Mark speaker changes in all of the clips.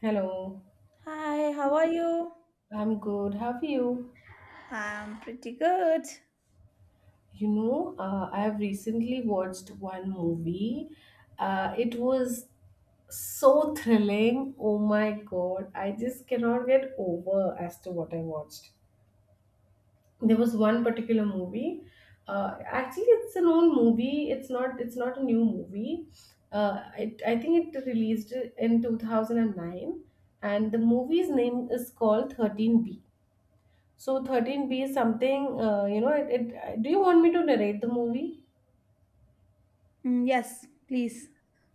Speaker 1: Hello.
Speaker 2: Hi, how are you?
Speaker 1: I'm good. How are you?
Speaker 2: I'm pretty good.
Speaker 1: I have recently watched one movie. It was so thrilling. Oh my God, I just cannot get over as to what I watched. There was one particular movie. Actually, it's an old movie. It's not. It's not a new movie. I think it released in 2009, and the movie's name is called 13 B. So 13B is something, do you want me to narrate the movie?
Speaker 2: Mm, yes, please.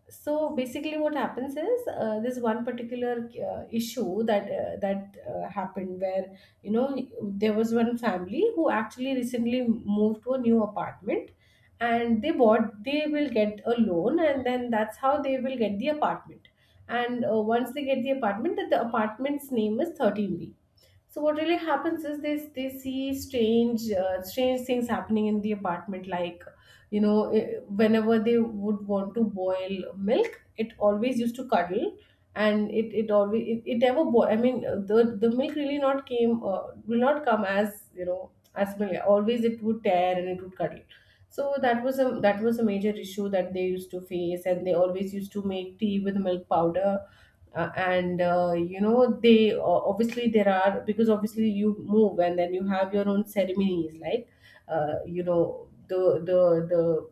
Speaker 1: So basically what happens is this one particular issue that happened where, you know, there was one family who actually recently moved to a new apartment, and they will get a loan, and then that's how they will get the apartment. And once they get the apartment, the apartment's name is 13B. So what really happens is they see strange strange things happening in the apartment. Like, you know, eh, whenever they would want to boil milk, it always used to cuddle, and it never boil. I mean, the milk really not came will not come as you know as milk. Always it would tear and it would cuddle. So that was a major issue that they used to face, and they always used to make tea with milk powder, and you know they obviously there are because obviously you move and then you have your own ceremonies, like the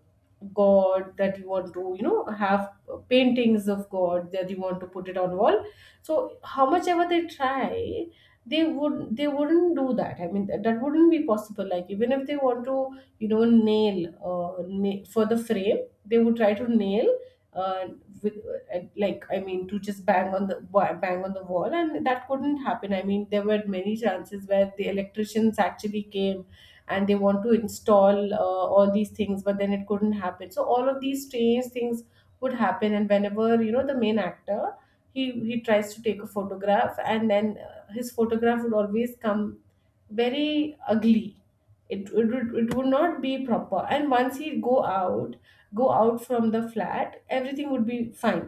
Speaker 1: god that you want to, you know, have, paintings of god that you want to put it on wall. So how much ever they try, they wouldn't do that. I mean, that wouldn't be possible. Like, even if they want to, you know, nail, for the frame, they would try to nail, uh, with, like, I mean to just bang on the bang on the wall, and that couldn't happen. I mean, there were many chances where the electricians actually came and they want to install all these things, but then it couldn't happen. So all of these strange things would happen. And whenever, you know, the main actor, he tries to take a photograph, and then his photograph would always come very ugly. It would not be proper, and once he'd go out, from the flat, everything would be fine,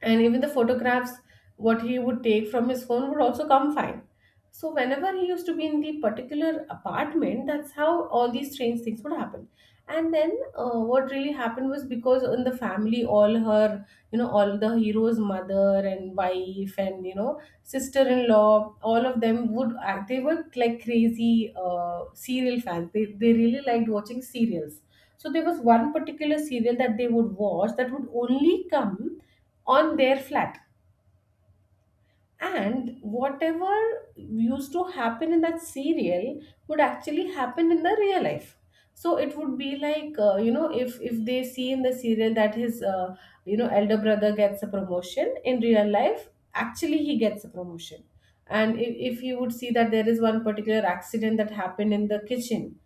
Speaker 1: and even the photographs what he would take from his phone would also come fine. So whenever he used to be in the particular apartment, that's how all these strange things would happen. And then, what really happened was, because in the family all her, you know, all the hero's mother and wife and, you know, sister-in-law, all of them would act, they were like crazy serial fans. They really liked watching serials. So there was one particular serial that they would watch that would only come on their flat, and whatever used to happen in that serial would actually happen in the real life. So it would be like, if they see in the serial that his, elder brother gets a promotion, in real life actually he gets a promotion. And if you would see that there is one particular accident that happened in the kitchen,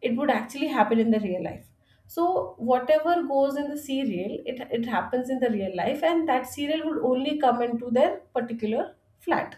Speaker 1: it would actually happen in the real life. So whatever goes in the serial, it happens in the real life, and that serial would only come into their particular flat.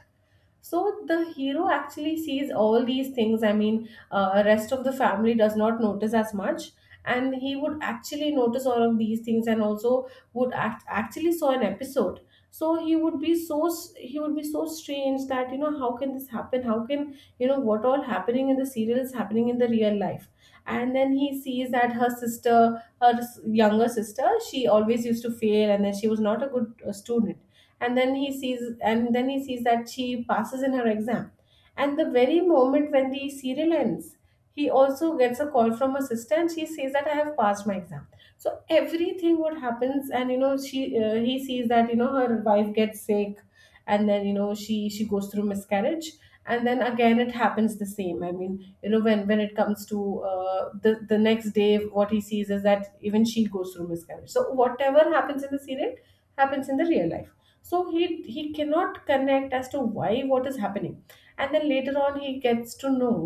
Speaker 1: So the hero actually sees all these things. I mean, rest of the family does not notice as much, and he would actually notice all of these things, and also would actually saw an episode. So he would be he would be so strange that, you know, how can this happen, how can, you know, what all happening in the serial is happening in the real life. And then he sees that her sister, younger sister, she always used to fail and then she was not a good student. And then he sees, that she passes in her exam, and the very moment when the serial ends, he also gets a call from her sister and she says that I have passed my exam. So everything what happens, and you know she, he sees that, you know, her wife gets sick, and then, you know, she goes through miscarriage. And then again it happens the same. I mean, you know, when it comes to the next day, what he sees is that even she goes through miscarriage. So whatever happens in the serial happens in the real life. So he cannot connect as to why what is happening. And then later on he gets to know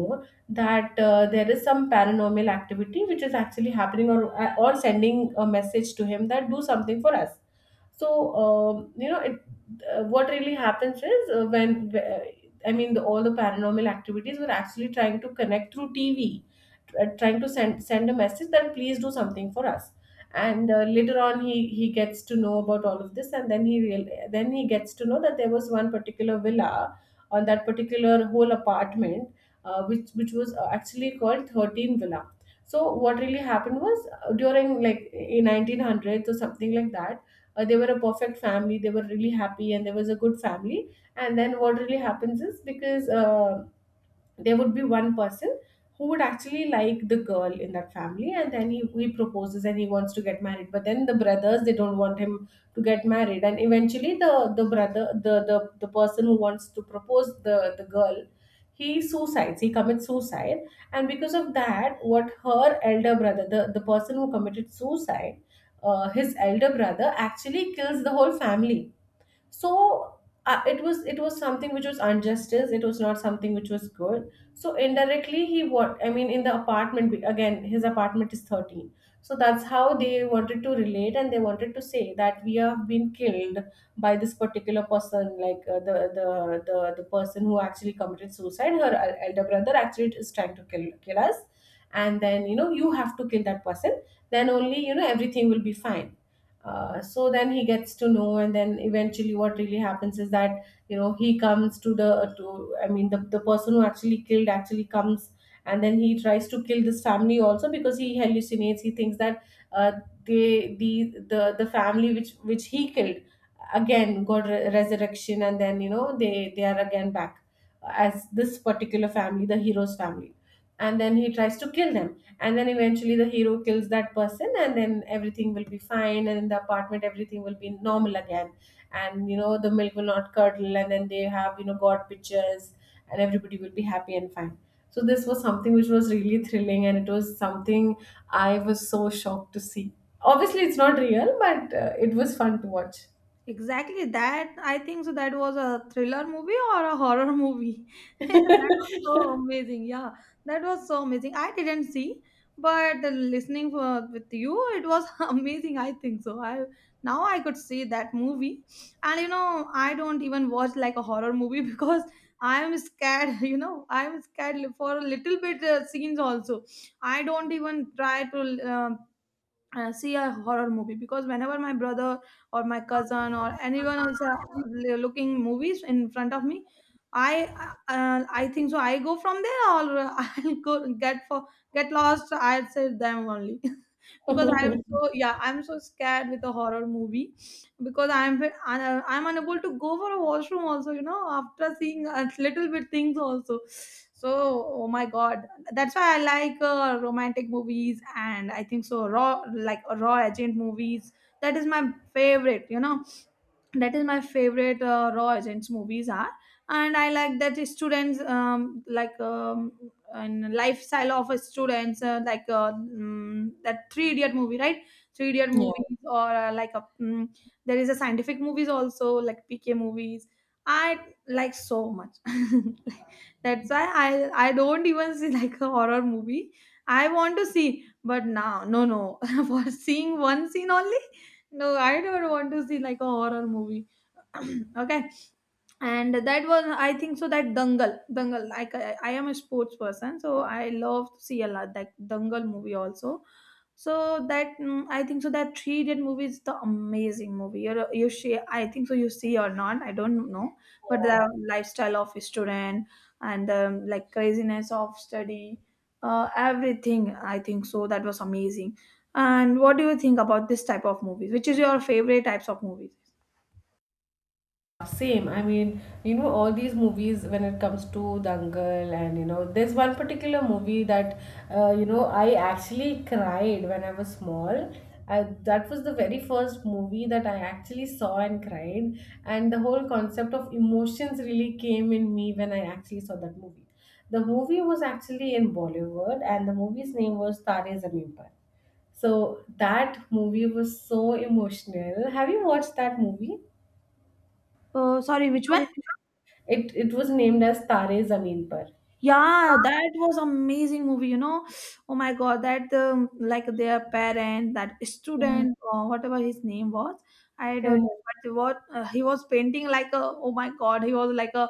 Speaker 1: that there is some paranormal activity which is actually happening, or sending a message to him that do something for us. So, um, you know it, what really happens is, when I mean all the paranormal activities were actually trying to connect through tv, trying to send a message that please do something for us. And later on he gets to know about all of this. And then he real then he gets to know that there was one particular villa on that particular whole apartment, which was, actually called 13 villa. So what really happened was, during, like, in 1900s or something like that, they were a perfect family, they were really happy, and there was a good family. And then what really happens is, because there would be one person who would actually like the girl in that family, and then he proposes and he wants to get married, but then the brothers they don't want him to get married. And eventually the brother the person who wants to propose the girl, he commits suicide. And because of that, what her elder brother, the person who committed suicide, his elder brother, actually kills the whole family. So it was, something which was injustice, it was not something which was good. So indirectly he, what I mean, in the apartment, again his apartment is 13. So that's how they wanted to relate, and they wanted to say that we have been killed by this particular person. Like, the person who actually committed suicide, her elder brother, actually is trying to kill us, and then, you know, you have to kill that person, then only, you know, everything will be fine. So then he gets to know, and then eventually what really happens is that, you know, he comes to the to I mean the person who actually killed actually comes, and then he tries to kill this family also, because he hallucinates, he thinks that uh, they, the family which he killed again got resurrection, and then, you know, they are again back as this particular family, the hero's family, and then he tries to kill them. And then eventually the hero kills that person, and then everything will be fine and in the apartment everything will be normal again. And, you know, the milk will not curdle, and then they have, you know, god pictures, and everybody will be happy and fine. So this was something which was really thrilling, and it was something I was so shocked to see. Obviously it's not real, but it was fun to watch.
Speaker 2: Exactly that. I think so. That was a thriller movie or a horror movie. That was so amazing. Yeah, that was so amazing. I didn't see, but the listening for, with you, it was amazing. I think so. I Now I could see that movie, and you know, I don't even watch like a horror movie because I'm scared. You know, I'm scared for a little bit scenes also. I don't even try to um see a horror movie because whenever my brother or my cousin or anyone is looking movies in front of me, i I think so I go from there, or I'll go get lost, I'd say them only, because I'm so, yeah, I'm so scared with a horror movie, because I'm unable to go for a washroom also, you know, after seeing a little bit things also. So, oh my God, that's why I like romantic movies, and I think so raw, like raw agent movies. That is my favorite, you know, that is my favorite raw agents movies are. And I like that the students, and lifestyle of a students, that three idiot movie, right? Three idiot
Speaker 1: Yeah, yeah.
Speaker 2: movies, or there is a scientific movies also, like PK movies. I like so much. That's why I don't even see like a horror movie. I want to see, but now, no, no. For seeing one scene only, no, I don't want to see like a horror movie. Okay. And that was, I think so, that Dangal, Dangal, like, I am a sports person, so I love to see a lot that Dangal movie also. So that, mm, I think so that three idiot movie is the amazing movie. You see, I think so, you see or not, I don't know, but the lifestyle of a student, and like craziness of study, everything, I think so, that was amazing. And what do you think about this type of movies? Which is your favorite types of movies?
Speaker 1: Same. I mean, you know, all these movies, when it comes to Dangal. And, you know, there's one particular movie that, I actually cried when I was small. That was the very first movie that I actually saw and cried, and the whole concept of emotions really came in me when I actually saw that movie. The movie was actually in Bollywood, and the movie's name was Tare Zameen Par. So that movie was so emotional. Have you watched that movie?
Speaker 2: Sorry, which one?
Speaker 1: It was named as Tare Zameen Par.
Speaker 2: Yeah, that was amazing movie, you know. Oh my God, that, like their parent, that
Speaker 1: Yeah,
Speaker 2: student or whatever his name was, I don't know,
Speaker 1: correct,
Speaker 2: but what, he was painting like a, oh my God, he was like a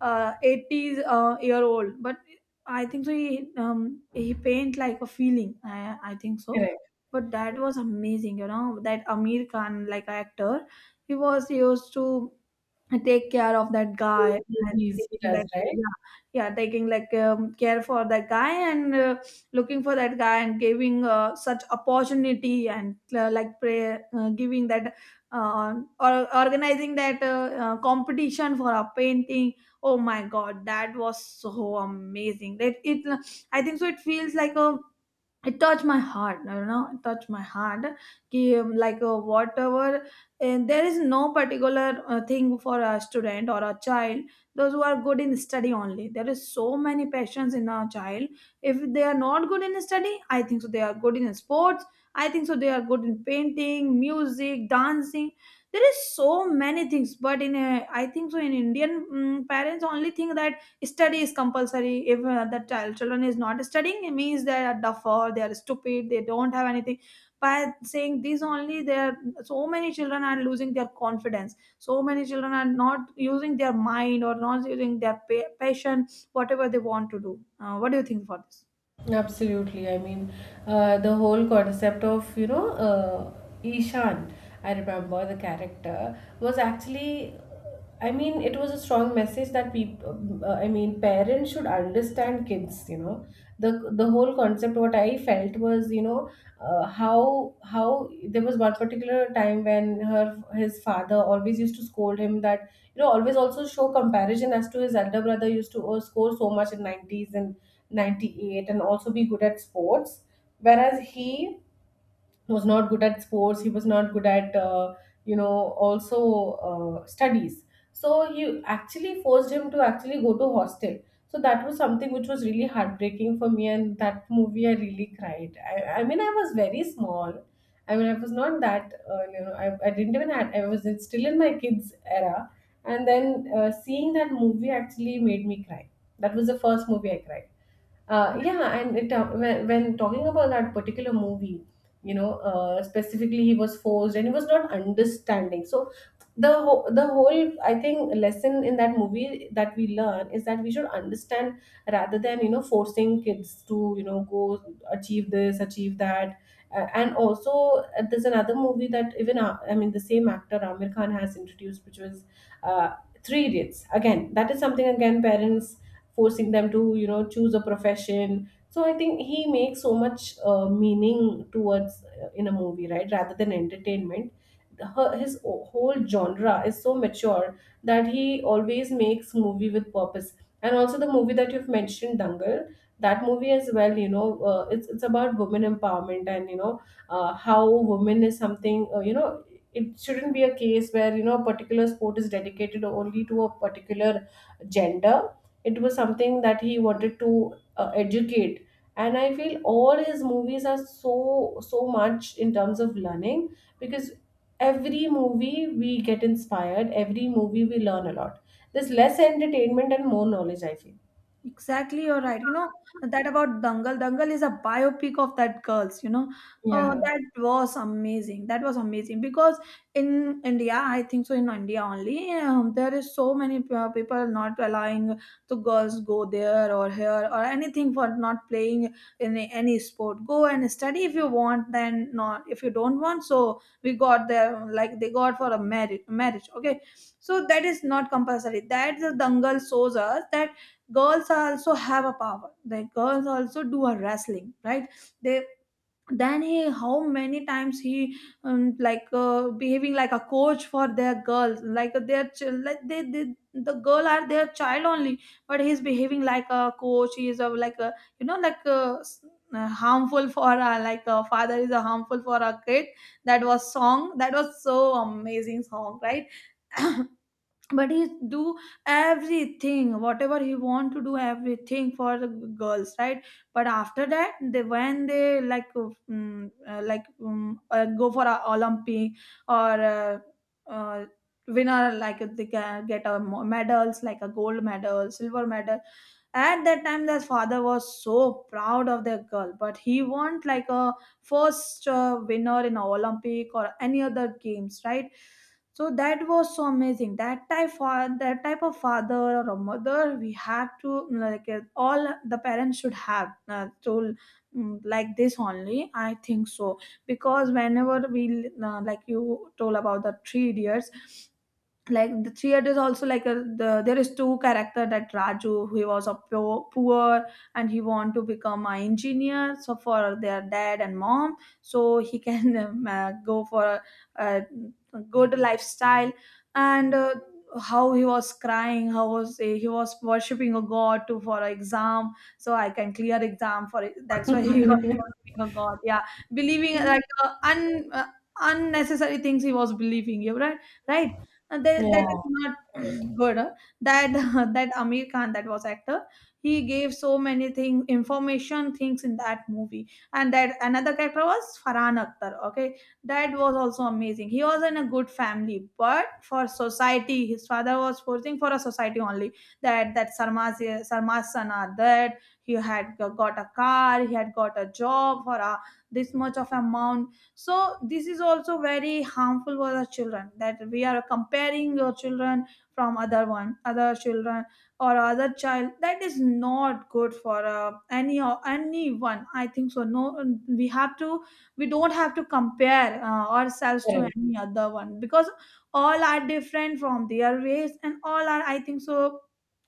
Speaker 2: 80s year old, but I think so he paint like a feeling. I think so,
Speaker 1: correct.
Speaker 2: but that was amazing, you know. That Amir Khan, like actor, he was used to take care of that guy
Speaker 1: Great
Speaker 2: and
Speaker 1: movies he
Speaker 2: taking
Speaker 1: does,
Speaker 2: that.
Speaker 1: right?
Speaker 2: Yeah, yeah, taking like, care for that guy, and looking for that guy, and giving such opportunity, and giving that, uh, or organizing that competition for a painting. Oh my God, that was so amazing, that it, I think so, it feels like a, it touched my heart, you know, it touched my heart. कि, like, whatever. And there is no particular thing for a student or a child. Those who are good in study only, there is so many passions in a child. If they are not good in study, I think so they are good in sports, I think so they are good in painting, music, dancing. There is so many things, but in a, I think so, in Indian, mm, parents only think that study is compulsory. If the child children is not studying, it means they are duff, or they are stupid, they don't have anything. By saying this only, there, so many children are losing their confidence. So many children are not using their mind, or not using their passion, whatever they want to do. What do you think for this?
Speaker 1: Absolutely. I mean, the whole concept of, you know, Ishan, I remember the character, was actually, I mean, it was a strong message that people, I mean, parents should understand kids, you know. The whole concept, what I felt was, how there was one particular time when his father always used to scold him that, you know, always also show comparison as to his elder brother used to score so much in 90s and 98 and also be good at sports, whereas he was not good at sports, he was not good at you know also studies. So he actually forced him to actually go to hostel. So that was something which was really heartbreaking for me, and that movie I really cried. I mean, I was very small. I mean, I was not that I didn't even had, I was still in my kids era, and then seeing that movie actually made me cry. That was the first movie I cried. Yeah, and when talking about that particular movie, you know, specifically he was forced and he was not understanding. So the whole I think lesson in that movie that we learn is that we should understand, rather than, you know, forcing kids to, you know, go achieve this, achieve that. And also, there's another movie that even, I mean, the same actor Amir Khan has introduced, which was uh, Three Idiots, again, that is something again parents forcing them to, you know, choose a profession. So I think he makes so much meaning towards, in a movie, right? Rather than entertainment, whole genre is so mature that he always makes movie with purpose. And also the movie that you've mentioned, Dangal, that movie as well. You know, it's about women empowerment, and you know, how women is something. You know, it shouldn't be a case where, you know, a particular sport is dedicated only to a particular gender. It was something that he wanted to educate, and I feel all his movies are so so much in terms of learning, because every movie we get inspired, every movie we learn a lot. There's less entertainment and more knowledge, I feel.
Speaker 2: Exactly, you're right. You know, that about Dangal. Dangal is a biopic of that girls. You know,
Speaker 1: Yeah.
Speaker 2: that was amazing. That was amazing because in India, I think so, in India only, there is so many people not allowing to girls go there or here or anything for not playing in any sport. Go and study if you want. Then not, if you don't want. So we got there, like they got for a marriage. Marriage, okay. So that is not compulsory. That the Dangal shows us that girls also have a power. The girls also do a wrestling, right? They, then he, how many times he, behaving like a coach for their girls, like, their the girl are their child only. But he's behaving like a coach. He is a like a, you know, like a, harmful for a, like a father is a harmful for a kid. That was song, that was so amazing song, right? But he do everything, whatever he want to do, everything for the girls, right? But after that, they, when they like go for a Olympic, or uh, uh, winner, like they can get a medals, like a gold medal, silver medal. At that time, their father was so proud of their girl, but he want like a first winner in a Olympic or any other games, right? So that was so amazing. That type of, that type of father or a mother we have to, like, all the parents should have, like this only. I think so. Because whenever we, like you told about the three idiots, like the three is also like a, the, there is two character, that Raju, he was a poor, poor, and he want to become an engineer, so for their dad and mom, so he can go for a, a good lifestyle. And how he was crying, how was he was worshipping a god, to, for an exam, so I can clear exam for it, that's why he was worshipping a god, yeah. Believing like, unnecessary things he was believing, you, right, right. And that, that is
Speaker 1: Yeah,
Speaker 2: not good. That that Amir Khan, that was actor, he gave so many things, information things in that movie. And that another character was Farhan Akhtar, okay. That was also amazing. He was in a good family, but for society, his father was forcing for a society only, that, that sarma's sarma's that he had got a car, he had got a job for a this much of amount. So this is also very harmful for the children, that we are comparing your children from other one, other children, or other child. That is not good for any or anyone, I think so. No, we have to, we don't have to compare ourselves to
Speaker 1: correct.
Speaker 2: any other one, because all are different from their race, and all are, I think so,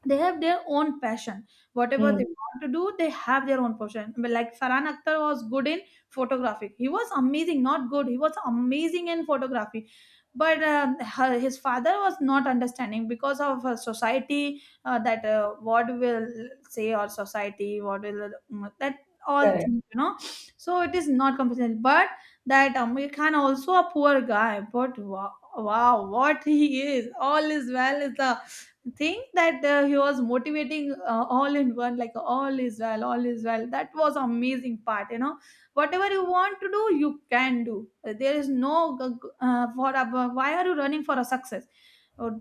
Speaker 2: they have their own passion. Whatever
Speaker 1: Hmm,
Speaker 2: they want to do, they have their own passion. But like Farhan Akhtar was good in photography. He was amazing, not good. He was amazing in photography, but his father was not understanding because of society, that, what will say, or society what will, mm, that, all
Speaker 1: correct.
Speaker 2: things, you know. So it is not compulsory. But that Amir Khan also a poor guy, but wow, wow, what he is! All is well is the thing that he was motivating, all in one, like, all is well, all is well. That was amazing part, you know. Whatever you want to do, you can do. There is no g- what why are you running for a success? Or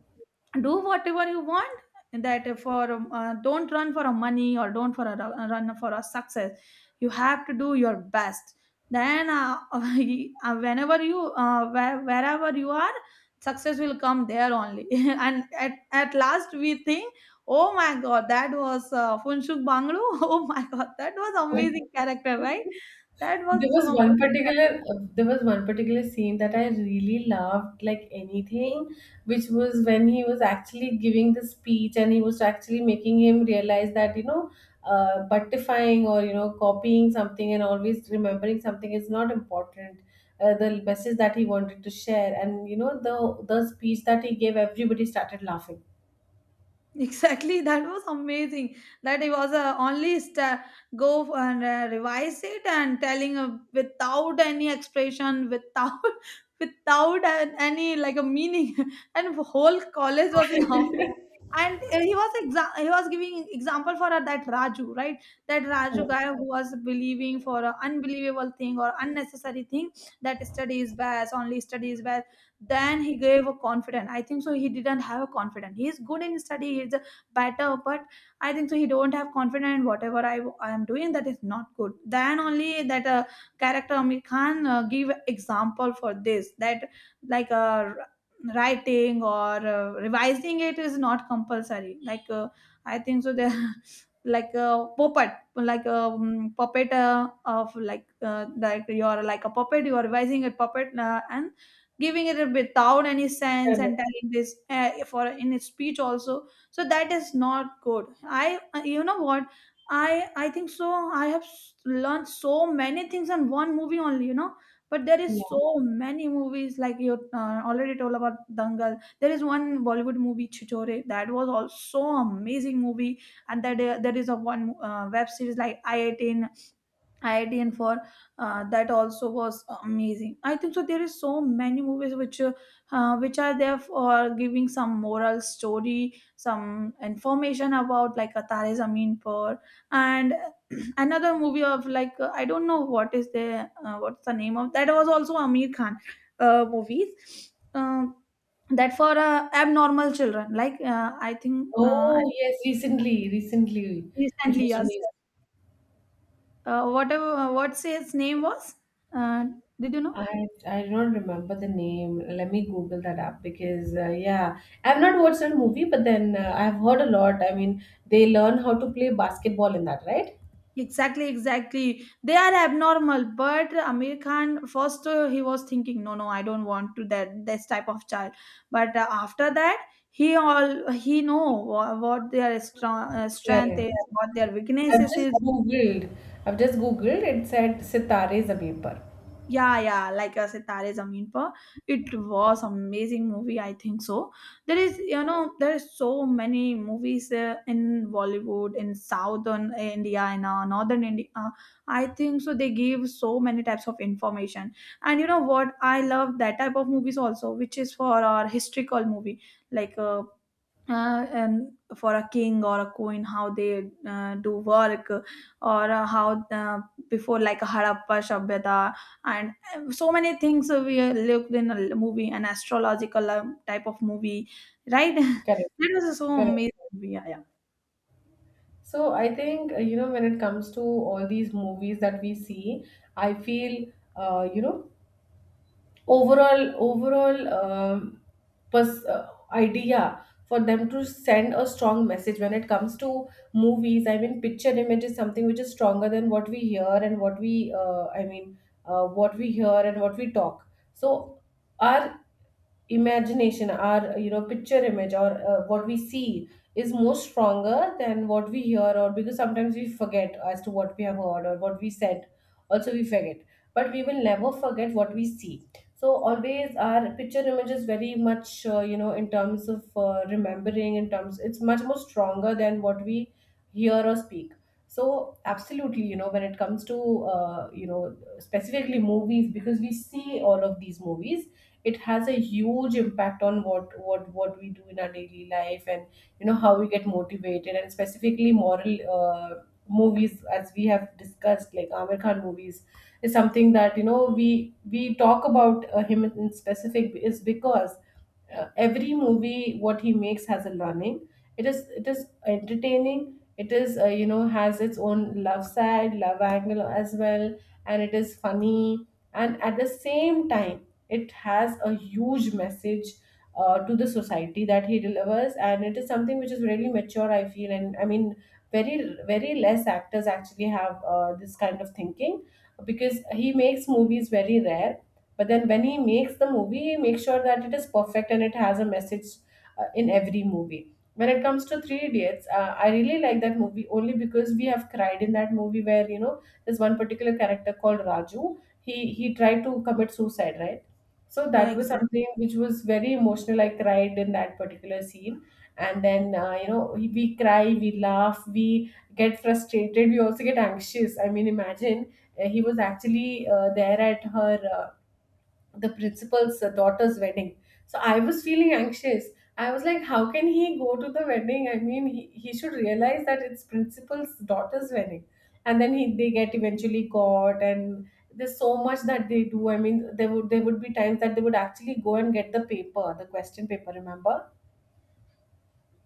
Speaker 2: do whatever you want. That for don't run for a money, or don't for a run for a success. You have to do your best. Then whenever you, wherever you are, success will come there only. And at last we think, oh my God, that was, Funshuk Banglu. Oh my God, that was amazing character, right? That was
Speaker 1: There was
Speaker 2: so amazing.
Speaker 1: one particular scene that I really loved like anything, which was when he was actually giving the speech and he was actually making him realize that, you know, buttifying, or you know, copying something and always remembering something is not important. The message that he wanted to share, and you know, the speech that he gave, everybody started laughing.
Speaker 2: Exactly, that was amazing. That it was a only sta, go and revise it, and telling without any expression, without without any like a meaning, and whole college was laughing. And he was giving example for that Raju, right? That Raju guy,
Speaker 1: Correct.
Speaker 2: who was believing for an unbelievable thing, or unnecessary thing, that study is best only, study is best. Then he gave a confident, I think so he didn't have a confident. He is good in study, he's a better, but I think so he don't have confident. In whatever I am doing, that is not good. Then only that character Amir Khan give example for this, that like writing or revising it is not compulsory, like I think so there. Like a puppet, like a puppet of like you're like a puppet, you're revising a puppet, and giving it a bit without any sense
Speaker 1: Correct.
Speaker 2: and telling this for in his speech also, so that is not good. I, you know what. I think so I have learned so many things on one movie only, you know. But there is
Speaker 1: Yeah.
Speaker 2: so many movies, like you already told about Dangal. There is one Bollywood movie Chitore, that was also amazing movie. And that there is a one web series like i18 IITN for that also was amazing. I think so. There is so many movies which are there for giving some moral story, some information, about like a Tare Zameen Par, and another movie of like I don't know what is the what's the name of that was also Amir Khan movies. That for abnormal children, like I think
Speaker 1: Oh yes, recently, recently, which
Speaker 2: recently,
Speaker 1: was
Speaker 2: yes,
Speaker 1: really...
Speaker 2: whatever, what's his name was, uh, did you know?
Speaker 1: I I don't remember the name. Let me Google that up, because yeah, I've not watched that movie, but then I've heard a lot. I mean, they learn how to play basketball in that, right?
Speaker 2: Exactly, exactly, they are abnormal, but Amir Khan first he was thinking, no, no, I don't want to that this type of child. But after that he all he know what their strong, strength is,
Speaker 1: Correct.
Speaker 2: what their
Speaker 1: I've
Speaker 2: weaknesses
Speaker 1: just
Speaker 2: is.
Speaker 1: Googled. I've just Googled. It said Sitare Zameen Par.
Speaker 2: Yeah, yeah, like a Sitare Zameen Par. It was amazing movie, I think so. There is, you know, there is so many movies in Bollywood, in southern India, in northern India. I think so. They give so many types of information, and you know what? I love that type of movies also, which is for our historical movie, like and for a king or a queen, how they do work or how before like Harappa Shabhyata, and so many things we looked in a movie, an astrological type of movie, right?
Speaker 1: Correct,
Speaker 2: That was so
Speaker 1: correct.
Speaker 2: amazing movie. Yeah, yeah,
Speaker 1: So I think, you know, when it comes to all these movies that we see, I feel, you know, overall idea for them to send a strong message when it comes to movies. I mean, picture image is something which is stronger than what we hear and what we what we hear and what we talk. So our imagination, our, you know, picture image, or what we see, is more stronger than what we hear, or because sometimes we forget as to what we have heard or what we said, also we forget, but we will never forget what we see. So always our picture image is very much, you know, in terms of, remembering, in terms it's much more stronger than what we hear or speak. So absolutely, you know, when it comes to, you know, specifically movies, because we see all of these movies, it has a huge impact on what what we do in our daily life, and you know, how we get motivated, and specifically moral movies, as we have discussed, like Amir Khan movies, is something that you know we talk about him in specific, is because every movie what he makes has a learning. It is entertaining, it is, you know, has its own love side, love angle as well, and it is funny, and at the same time it has a huge message to the society that he delivers, and it is something which is really mature, I feel, and I mean, very very less actors actually have this kind of thinking, because he makes movies very rare, but then when he makes the movie he makes sure that it is perfect and it has a message in every movie. When it comes to Three Idiots, I really like that movie only because we have cried in that movie, where you know there's one particular character called Raju, he tried to commit suicide, right? So
Speaker 2: yeah,
Speaker 1: that was
Speaker 2: exactly,
Speaker 1: something which was very emotional, I cried in that particular scene. And then you know we cry, we laugh, we get frustrated, we also get anxious. I mean, imagine, he was actually there at her the principal's daughter's wedding. So I was feeling anxious. I was like, how can he go to the wedding? I mean, he should realize that it's principal's daughter's wedding. And then he they get eventually caught, and there's so much that they do. I mean, there would be times that they would actually go and get the paper, the question paper, remember?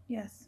Speaker 2: yes,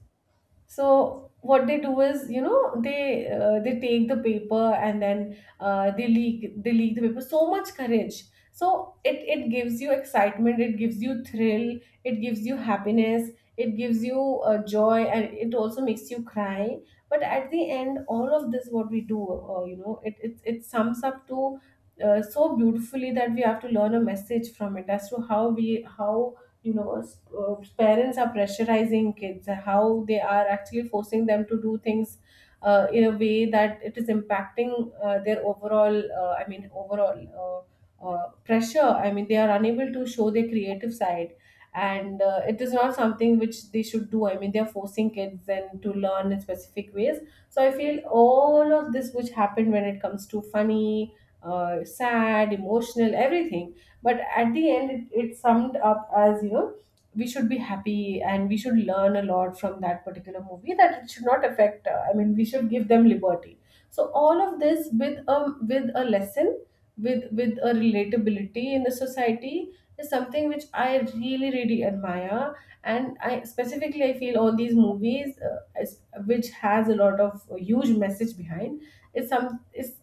Speaker 1: So what they do is, you know, they take the paper, and then they leak the paper, so much courage. So it gives you excitement, it gives you thrill, it gives you happiness, it gives you joy, and it also makes you cry. But at the end, all of this what we do, you know, it sums up to so beautifully, that we have to learn a message from it as to how we, how, you know, parents are pressurizing kids, how they are actually forcing them to do things in a way that it is impacting their overall, pressure. I mean, they are unable to show their creative side, and it is not something which they should do. I mean, they are forcing kids then to learn in specific ways. So I feel all of this which happened, when it comes to funny, sad, emotional, everything, but at the end it summed up as, you know, we should be happy and we should learn a lot from that particular movie, that it should not affect, I mean, we should give them liberty. So all of this with a lesson, with a relatability in the society, is something which I really really admire. And I specifically, I feel all these movies which has a lot of huge message behind, is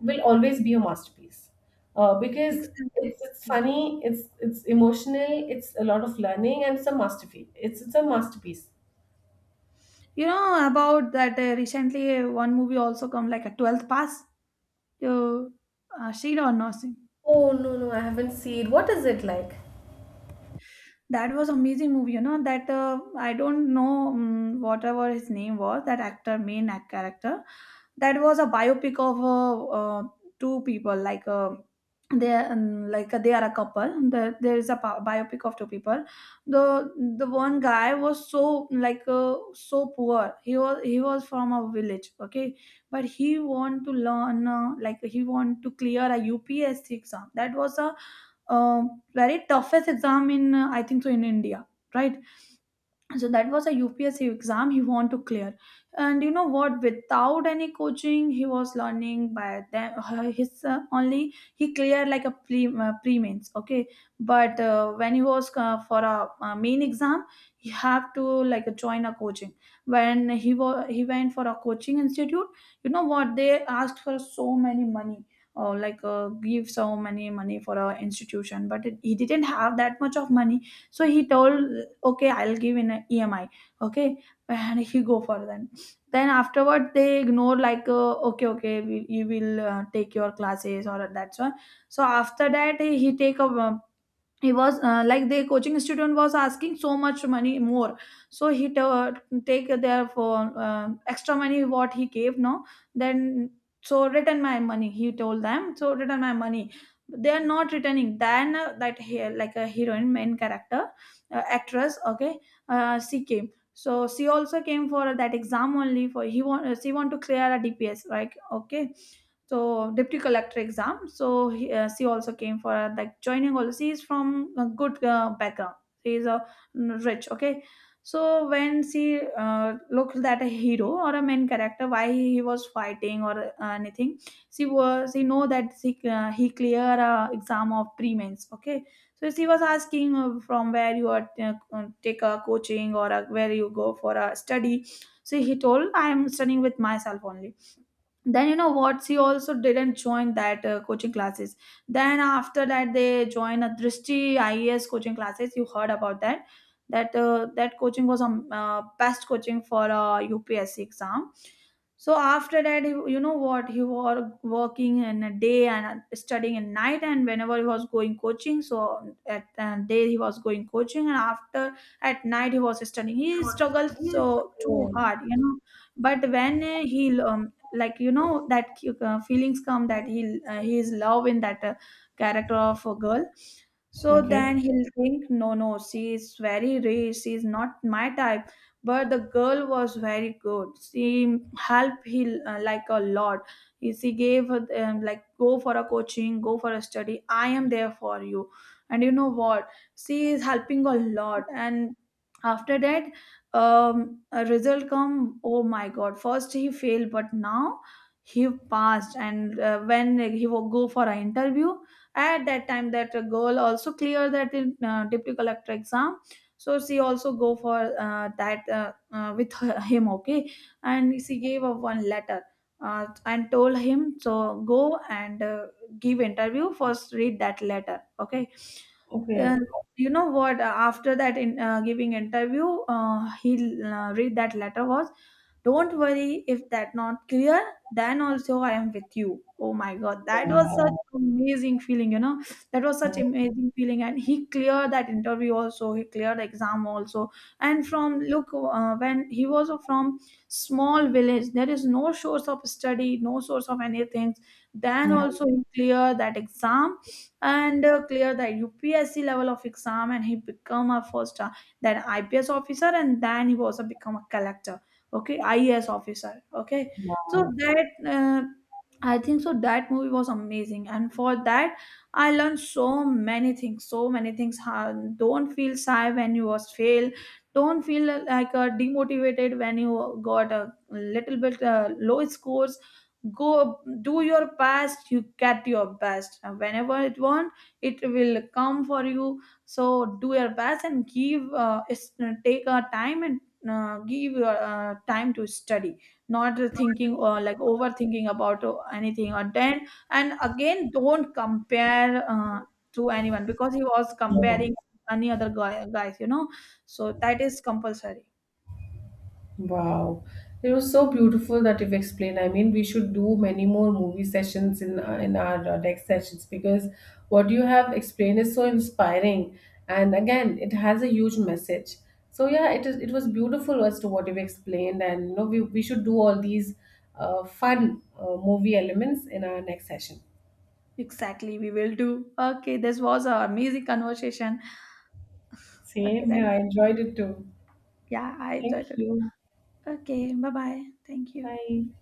Speaker 1: will always be a masterpiece, because
Speaker 2: exactly.
Speaker 1: it's funny, it's emotional, it's a lot of learning, and it's a masterpiece, it's a masterpiece.
Speaker 2: You know about that, recently one movie also come, like a 12th Pass. You seen or not seen?
Speaker 1: Oh, no, no, I haven't seen. What is it like?
Speaker 2: That was amazing movie, you know. That I don't know, whatever his name was. That actor, main act character, that was a biopic of two people. Like they, like they are a couple. There is a biopic of two people. The one guy was so, like, so poor. He was from a village, okay, but he want to learn, like he want to clear a UPSC exam. That was a very toughest exam in, I think so, in India, right? So that was a UPSC exam he want to clear. And you know what? Without any coaching, he was learning by them. His only he cleared like a pre mains. Okay, but when he was for a, main exam, he have to like join a coaching. When he went for a coaching institute, you know what? They asked for so many money. Or, like, give so many money for a institution, but he didn't have that much of money. So he told, okay, I'll give in a EMI, okay, and he go for them. Then afterward they ignore, like okay, okay, you will take your classes, or that's one. So after that he take a, he was like the coaching student was asking so much money more. So he take their for extra money what he gave, no. Then, so return my money, he told them, so return my money. They are not returning. Then that he like a heroine main character, actress, okay. She came, so she also came for that exam only for he want, she want to clear a DPS, right? Okay. So deputy collector exam. So she also came for like joining also. She is from a good background. She is a rich, okay. So when she looked at a hero or a main character why he was fighting or anything, she know that he clear exam of pre-mains, okay. So she was asking, from where you are take a coaching or where you go for a study. So he told, I am studying with myself only. Then you know what, she also didn't join that coaching classes. Then after that they joined a Drishti IES coaching classes, you heard about that? That coaching was a best coaching for a UPSC exam. So after that he, you know what, he was working in a day and studying at night, and whenever he was going coaching, so at day he was going coaching and after, at night he was studying. He struggled so too
Speaker 1: Oh,
Speaker 2: hard, you know. But when he, like you know that feelings come that he is love in that character of a girl. So then
Speaker 1: okay
Speaker 2: he'll think, no, no, she is very rich, she is not my type. But the girl was very good, she helped him like a lot. She gave her, like, go for a coaching, go for a study, I am there for you. And you know what, she is helping a lot. And after that a result come. Oh my god, first he failed but now he passed. And when he will go for an interview, at that time that girl also clear that deputy collector exam. So she also go for that, with him, okay. And she gave a one letter, and told him, so go and give interview, first read that letter, okay.
Speaker 1: okay,
Speaker 2: Uh, you know what? After that, in giving interview, he read that letter was, don't worry if that not clear, then also I am with you. Oh my god, that was such
Speaker 1: yeah
Speaker 2: amazing feeling, you know. That was such
Speaker 1: yeah,
Speaker 2: amazing feeling. And he cleared that interview also, he cleared the exam also. And from look, when he was from small village, there is no source of study, no source of anything. Then
Speaker 1: yeah.
Speaker 2: also he cleared that exam and clear the UPSC level of exam and he become a first, then IPS officer, and then he was a become a collector. Okay, IAS officer, okay. So that I think so that movie was amazing, and for that I learned so many things, so many things, how don't feel shy when you was fail. Don't feel like demotivated when you got a little bit low scores. Go do your best, you get your best. And whenever it want, it will come for you, so do your best and give take a time and give time to study. Not thinking or like overthinking about anything or then. And again, don't compare to anyone because he was
Speaker 1: Yeah.
Speaker 2: comparing any other guys, you know. So that is compulsory.
Speaker 1: Wow, it was so beautiful that you've explained. I mean, we should do many more movie sessions in our next sessions, because what you have explained is so inspiring, and again, it has a huge message. So yeah, it is. It was beautiful as to what you've explained, and you know, we should do all these fun movie elements in our next session.
Speaker 2: Exactly, we will do, okay. This was our amazing conversation. Okay
Speaker 1: Same here.
Speaker 2: then,
Speaker 1: I enjoyed it too.
Speaker 2: yeah, I
Speaker 1: Thank
Speaker 2: enjoyed it.
Speaker 1: you.
Speaker 2: Okay, bye bye, thank you.
Speaker 1: Bye.